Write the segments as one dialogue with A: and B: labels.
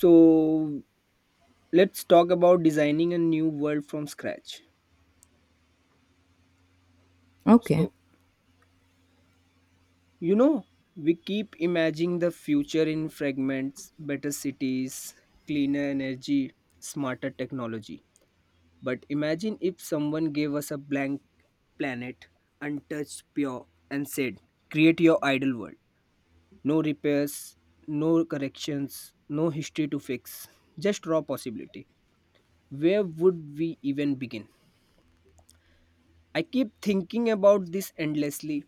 A: So let's talk about designing a new world from scratch.
B: Okay.
A: So, you know, we keep imagining the future in fragments, better cities, cleaner energy, smarter technology. But imagine if someone gave us a blank planet, untouched, pure, and said, create your ideal world. No repairs, no corrections, no history to fix, just raw possibility. Where would we even begin? I keep thinking about this endlessly.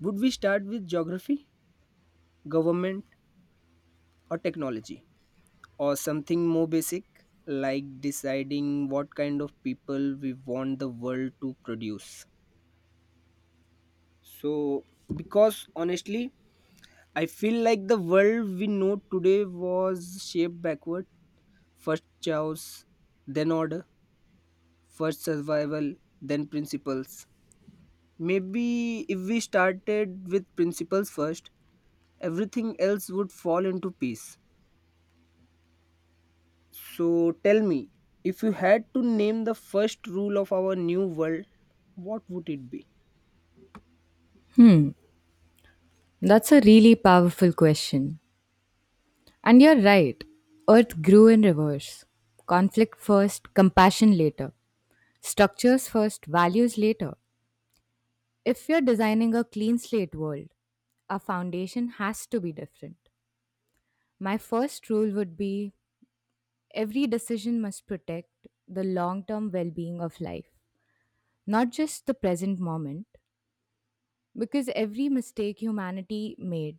A: Would we start with geography, government, or technology? Or something more basic, like deciding what kind of people we want the world to produce? So, because honestly, I feel like the world we know today was shaped backward. First chaos, then order, first survival, then principles. Maybe if we started with principles first, everything else would fall into peace. So tell me, if you had to name the first rule of our new world, what would it be?
B: Hmm. That's a really powerful question. And you're right. Earth grew in reverse. Conflict first, compassion later. Structures first, values later. If you're designing a clean slate world, our foundation has to be different. My first rule would be every decision must protect the long term well being of life, not just the present moment. Because every mistake humanity made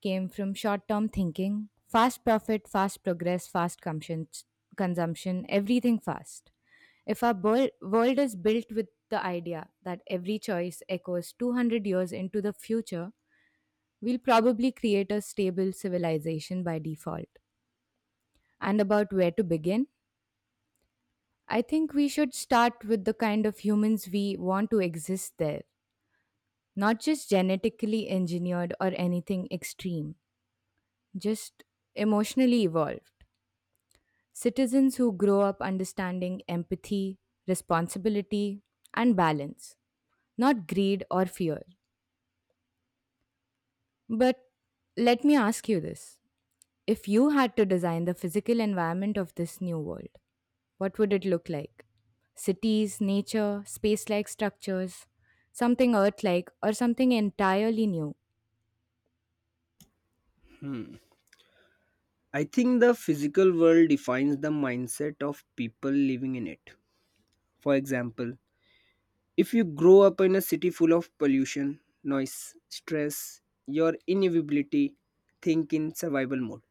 B: came from short term thinking, fast profit, fast progress, fast consumption, everything fast. If our world is built with the idea that every choice echoes 200 years into the future, we'll probably create a stable civilization by default. And about where to begin, I think we should start with the kind of humans we want to exist there, not just genetically engineered or anything extreme, just emotionally evolved. Citizens who grow up understanding empathy, responsibility, and balance, not greed or fear. But let me ask you this. If you had to design the physical environment of this new world, what would it look like? Cities, nature, space like structures, something earth like, or something entirely new?
A: Hmm. I think the physical world defines the mindset of people living in it. For example, if you grow up in a city full of pollution, noise, stress, your inevitability think in survival mode.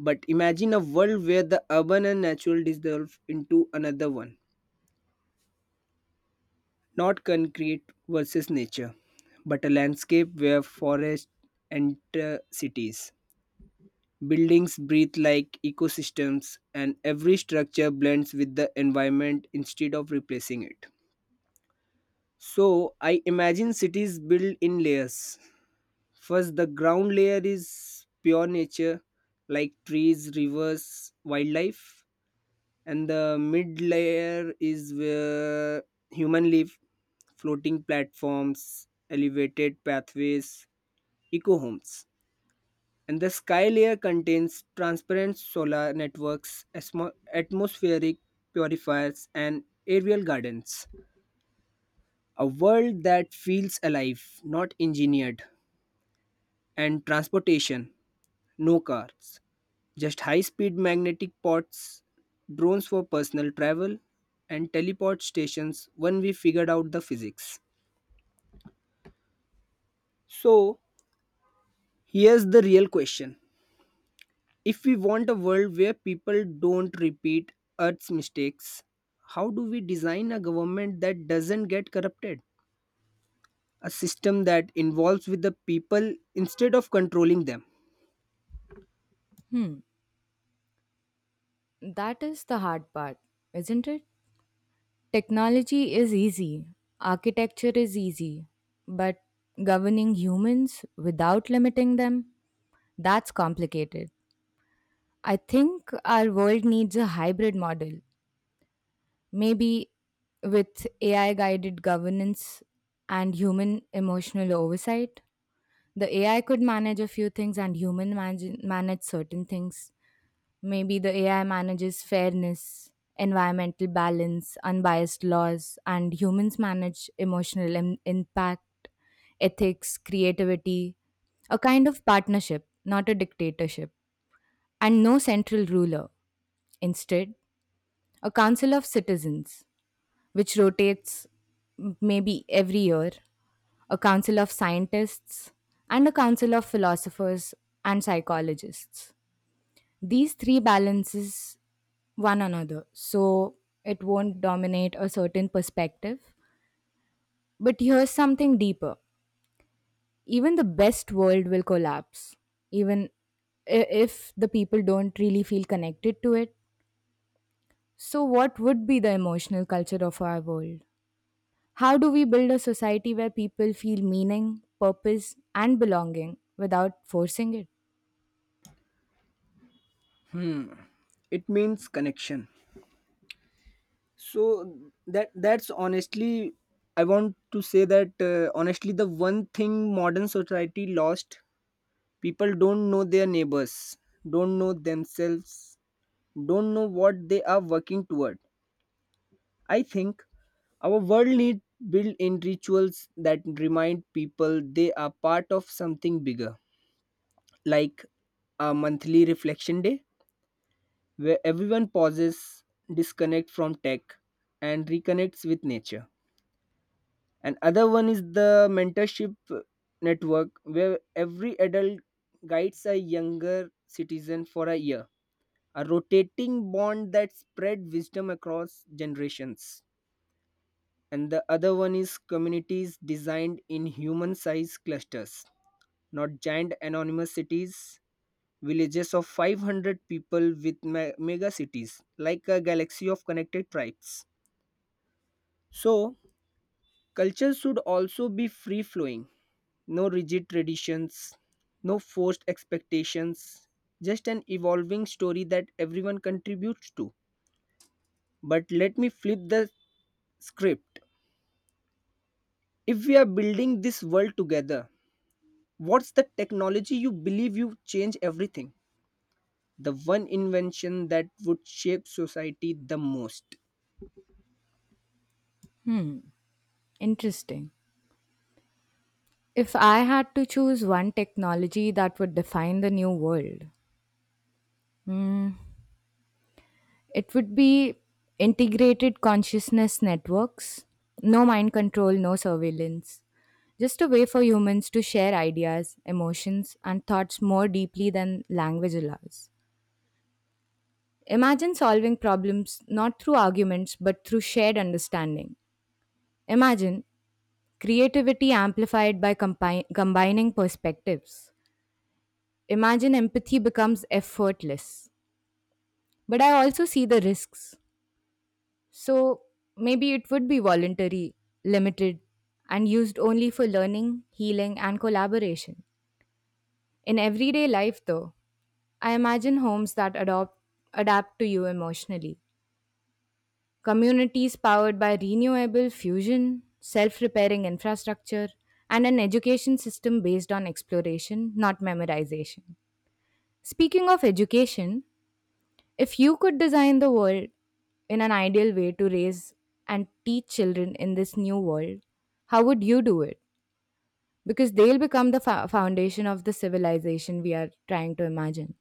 A: But imagine a world where the urban and natural dissolve into another one. Not concrete versus nature, but a landscape where forests enter cities. Buildings breathe like ecosystems, and every structure blends with the environment instead of replacing it. So, I imagine cities built in layers. First, the ground layer is pure nature, like trees, rivers, wildlife. And the mid layer is where human live, floating platforms, elevated pathways, eco homes. And the sky layer contains transparent solar networks, atmospheric purifiers, and aerial gardens. A world that feels alive, not engineered. And transportation, no cars. Just high-speed magnetic pods, drones for personal travel, and teleport stations when we figured out the physics. So, here's the real question. If we want a world where people don't repeat Earth's mistakes, how do we design a government that doesn't get corrupted? A system that involves with the people instead of controlling them.
B: Hmm. That is the hard part, isn't it? Technology is easy, architecture is easy, but governing humans without limiting them, that's complicated. I think our world needs a hybrid model, maybe with AI guided governance and human emotional oversight. The AI could manage a few things and human manage certain things. Maybe the AI manages fairness, environmental balance, unbiased laws, and humans manage emotional impact, ethics, creativity, a kind of partnership, not a dictatorship, and no central ruler. Instead, a council of citizens, which rotates maybe every year, a council of scientists, and a council of philosophers and psychologists. These three balances one another so it won't dominate a certain perspective. But here's something deeper. Even the best world will collapse even if the people don't really feel connected to it. So what would be the emotional culture of our world? How do we build a society where people feel meaning, purpose and belonging without forcing it?
A: Hmm. It means connection. So that's honestly, I want to say that honestly the one thing modern society lost, people don't know their neighbors, don't know themselves, don't know what they are working toward. I think our world need built in rituals that remind people they are part of something bigger, like a monthly reflection day where everyone pauses, disconnect from tech, and reconnects with nature. And other one is the mentorship network where every adult guides a younger citizen for a year, a rotating bond that spread wisdom across generations. And the other one is communities designed in human sized clusters, not giant anonymous cities, villages of 500 people with mega cities like a galaxy of connected tribes. So culture should also be free flowing. No rigid traditions, no forced expectations, just an evolving story that everyone contributes to. But let me flip the script. If we are building this world together, what's the technology you believe you change everything? The one invention that would shape society the most.
B: Interesting. If I had to choose one technology that would define the new world, Mm, it would be integrated consciousness networks. No mind control, no surveillance. Just a way for humans to share ideas, emotions, and thoughts more deeply than language allows. Imagine solving problems not through arguments but through shared understanding. Imagine creativity amplified by combining perspectives. Imagine empathy becomes effortless. But I also see the risks. So maybe it would be voluntary, limited, and used only for learning, healing, and collaboration. In everyday life, though, I imagine homes that adapt to you emotionally. Communities powered by renewable fusion, self repairing infrastructure, and an education system based on exploration, not memorization. Speaking of education, if you could design the world in an ideal way to raise and teach children in this new world, how would you do it? Because they'll become the foundation of the civilization we are trying to imagine.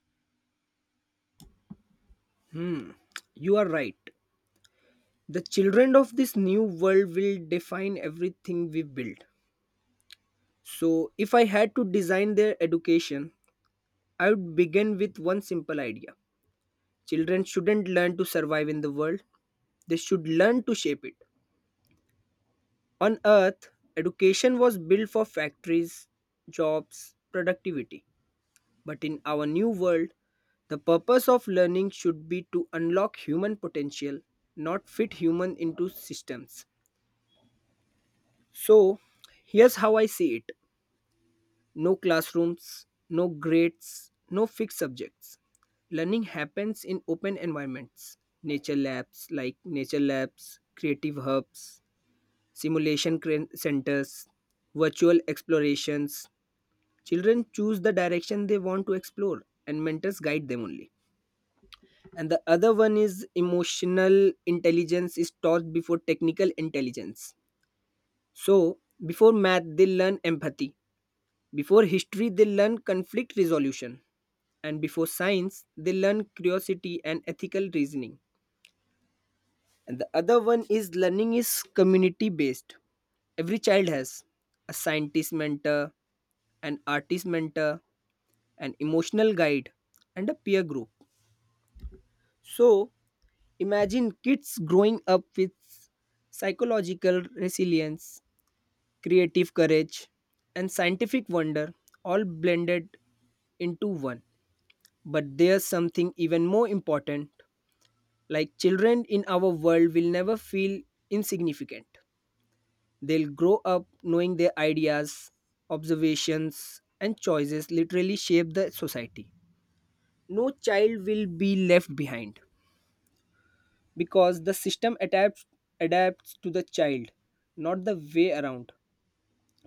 A: Hmm, you are right. The children of this new world will define everything we build. So, if I had to design their education, I would begin with one simple idea. Children shouldn't learn to survive in the world, they should learn to shape it. On earth, education was built for factories, jobs, productivity. But in our new world, the purpose of learning should be to unlock human potential, not fit human into systems. So, here's how I see it. No classrooms, no grades, no fixed subjects. Learning happens in open environments. Nature labs, like nature labs, creative hubs, simulation centers, virtual explorations. Children choose the direction they want to explore and mentors guide them only. And the other one is emotional intelligence is taught before technical intelligence. So, before math, they learn empathy. Before history, they learn conflict resolution, and before science, they learn curiosity and ethical reasoning. And the other one is learning is community based. Every child has a scientist mentor, an artist mentor, an emotional guide, and a peer group. So, imagine kids growing up with psychological resilience, creative courage, and scientific wonder all blended into one. But there's something even more important, like children in our world will never feel insignificant. They'll grow up knowing their ideas, observations, and choices literally shape the society. No child will be left behind because the system adapts to the child, not the way around.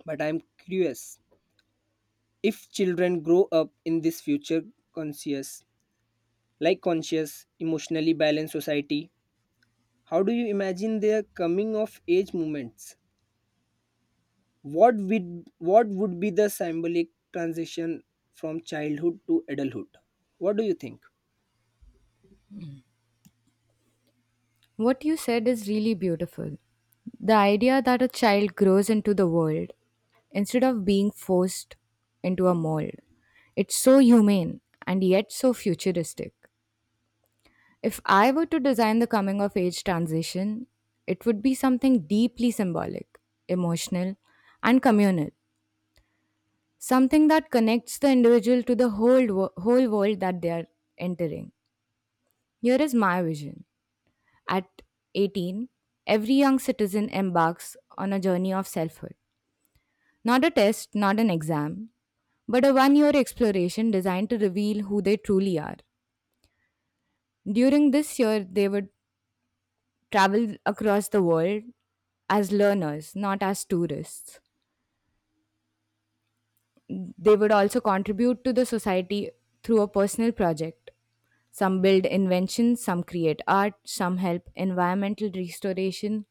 A: But I'm curious, if children grow up in this future conscious, like conscious, emotionally balanced society, how do you imagine their coming of age moments? What would, what would be the symbolic transition from childhood to adulthood? What do you think?
B: What you said is really beautiful. The idea that a child grows into the world instead of being forced into a mold. It's so humane and yet so futuristic. If I were to design the coming of age transition, it would be something deeply symbolic, emotional, and communal. Something that connects the individual to the whole world that they are entering. Here is my vision. At 18, every young citizen embarks on a journey of selfhood. Not a test, not an exam, but a 1 year exploration designed to reveal who they truly are. During this year, they would travel across the world as learners, not as tourists. They would also contribute to the society through a personal project. Some build inventions, some create art, some help environmental restoration,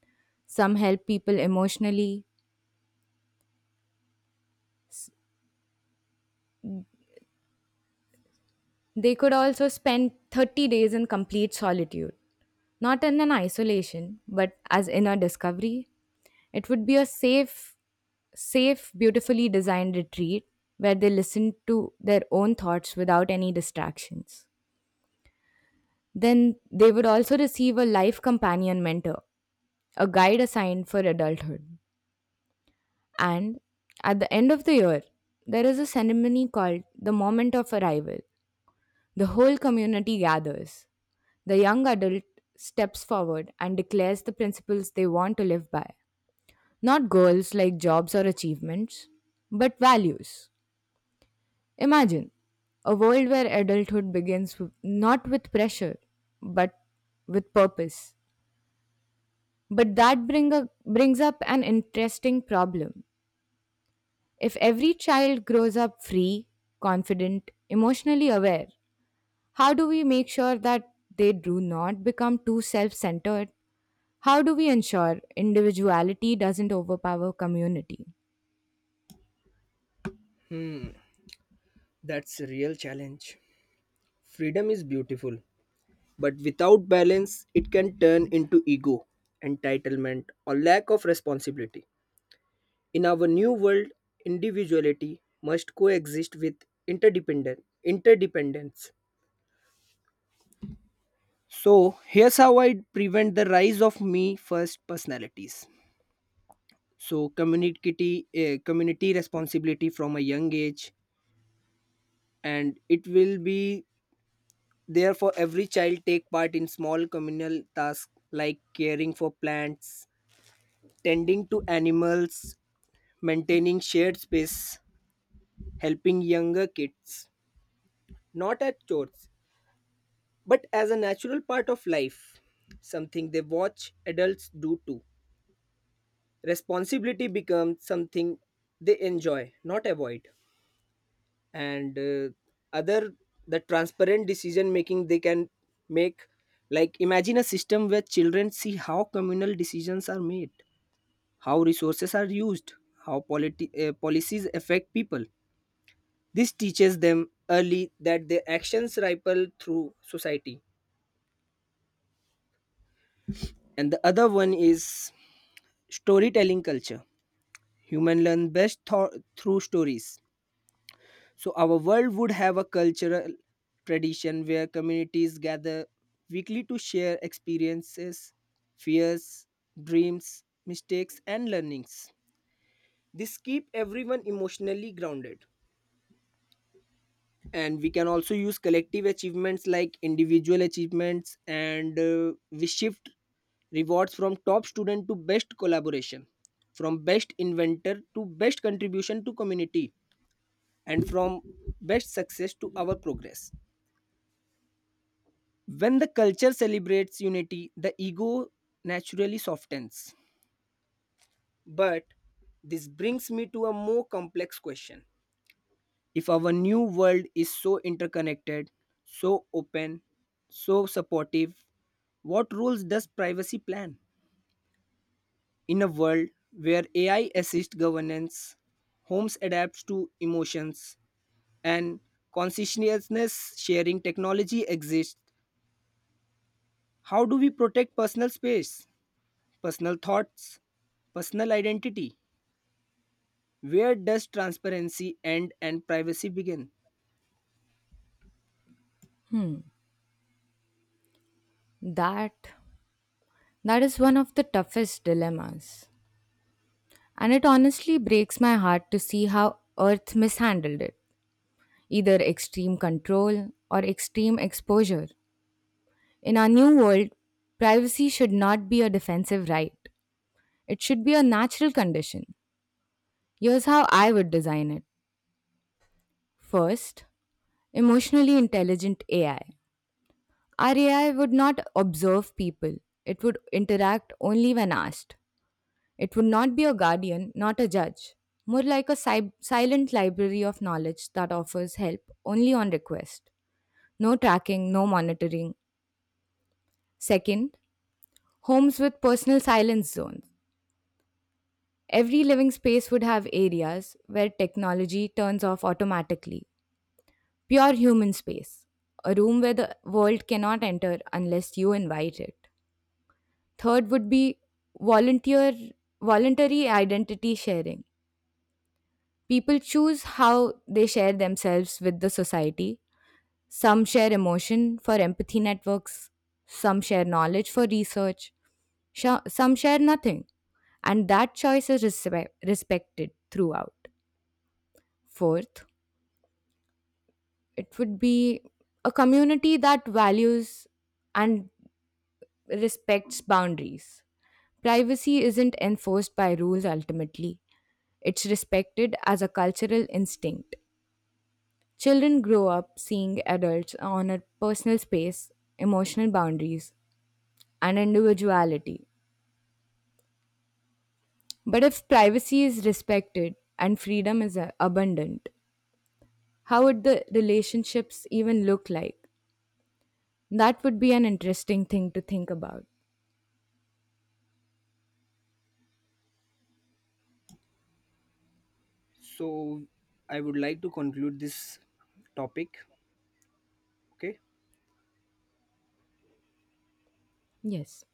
B: some help people emotionally. They could also spend 30 days in complete solitude, not in an isolation, but as inner discovery. It would be a safe, beautifully designed retreat where they listen to their own thoughts without any distractions. Then they would also receive a life companion mentor, a guide assigned for adulthood. And at the end of the year, there is a ceremony called the moment of arrival. The whole community gathers. The young adult steps forward and declares the principles they want to live by. Not goals like jobs or achievements, but values. Imagine a world where adulthood begins not with pressure, but with purpose. But brings up an interesting problem. If every child grows up free, confident, emotionally aware, how do we make sure that they do not become too self centered? How do we ensure individuality doesn't overpower community?
A: That's a real challenge. Freedom is beautiful, but without balance, it can turn into ego, entitlement, or lack of responsibility. In our new world, individuality must coexist with interdependent interdependence. So, here's how I prevent the rise of me first personalities. So community community responsibility from a young age, and it will be there for every child take part in small communal tasks like caring for plants, tending to animals, maintaining shared space, helping younger kids, not as chores but as a natural part of life, something they watch adults do too. Responsibility becomes something they enjoy, not avoid. And other, the transparent decision making they can make, like imagine a system where children see how communal decisions are made, how resources are used, how policies affect people. This teaches them early that their actions ripple through society. And the other one is storytelling culture. Human learn best through stories. So our world would have a cultural tradition where communities gather weekly to share experiences, fears, dreams, mistakes and learnings. This keep everyone emotionally grounded. And we can also use collective achievements like individual achievements, and we shift rewards from top student to best collaboration, from best inventor to best contribution to community, and from best success to our progress. When the culture celebrates unity, the ego naturally softens. But this brings me to a more complex question. If our new world is so interconnected, so open, so supportive, what roles does privacy plan? In a world where AI assists governance, homes adapts to emotions, and consciousness sharing technology exists, how do we protect personal space? Personal thoughts, personal identity. Where does transparency end and privacy begin?
B: That that is one of the toughest dilemmas. And it honestly breaks my heart to see how Earth mishandled it, either extreme control or extreme exposure. In our new world, privacy should not be a defensive right. It should be a natural condition. Here's how I would design it. First, emotionally intelligent AI. Our AI would not observe people, it would interact only when asked. It would not be a guardian, not a judge. More like a silent library of knowledge that offers help only on request. No tracking, no monitoring. Second, homes with personal silence zones. Every living space would have areas where technology turns off automatically. Pure human space. A room where the world cannot enter unless you invite it. Third would be volunteer voluntary identity sharing. People choose how they share themselves with the society. Some share emotion for empathy networks, some share knowledge for research, some share nothing, and that choice is respected throughout. Fourth, it would be a community that values and respects boundaries. Privacy isn't enforced by rules ultimately, it's respected as a cultural instinct. Children grow up seeing adults honor personal space, emotional boundaries, and individuality. But if privacy is respected and freedom is abundant, how would the relationships even look like? That would be an interesting thing to think about.
A: So, I would like to conclude this topic. Okay.
B: Yes.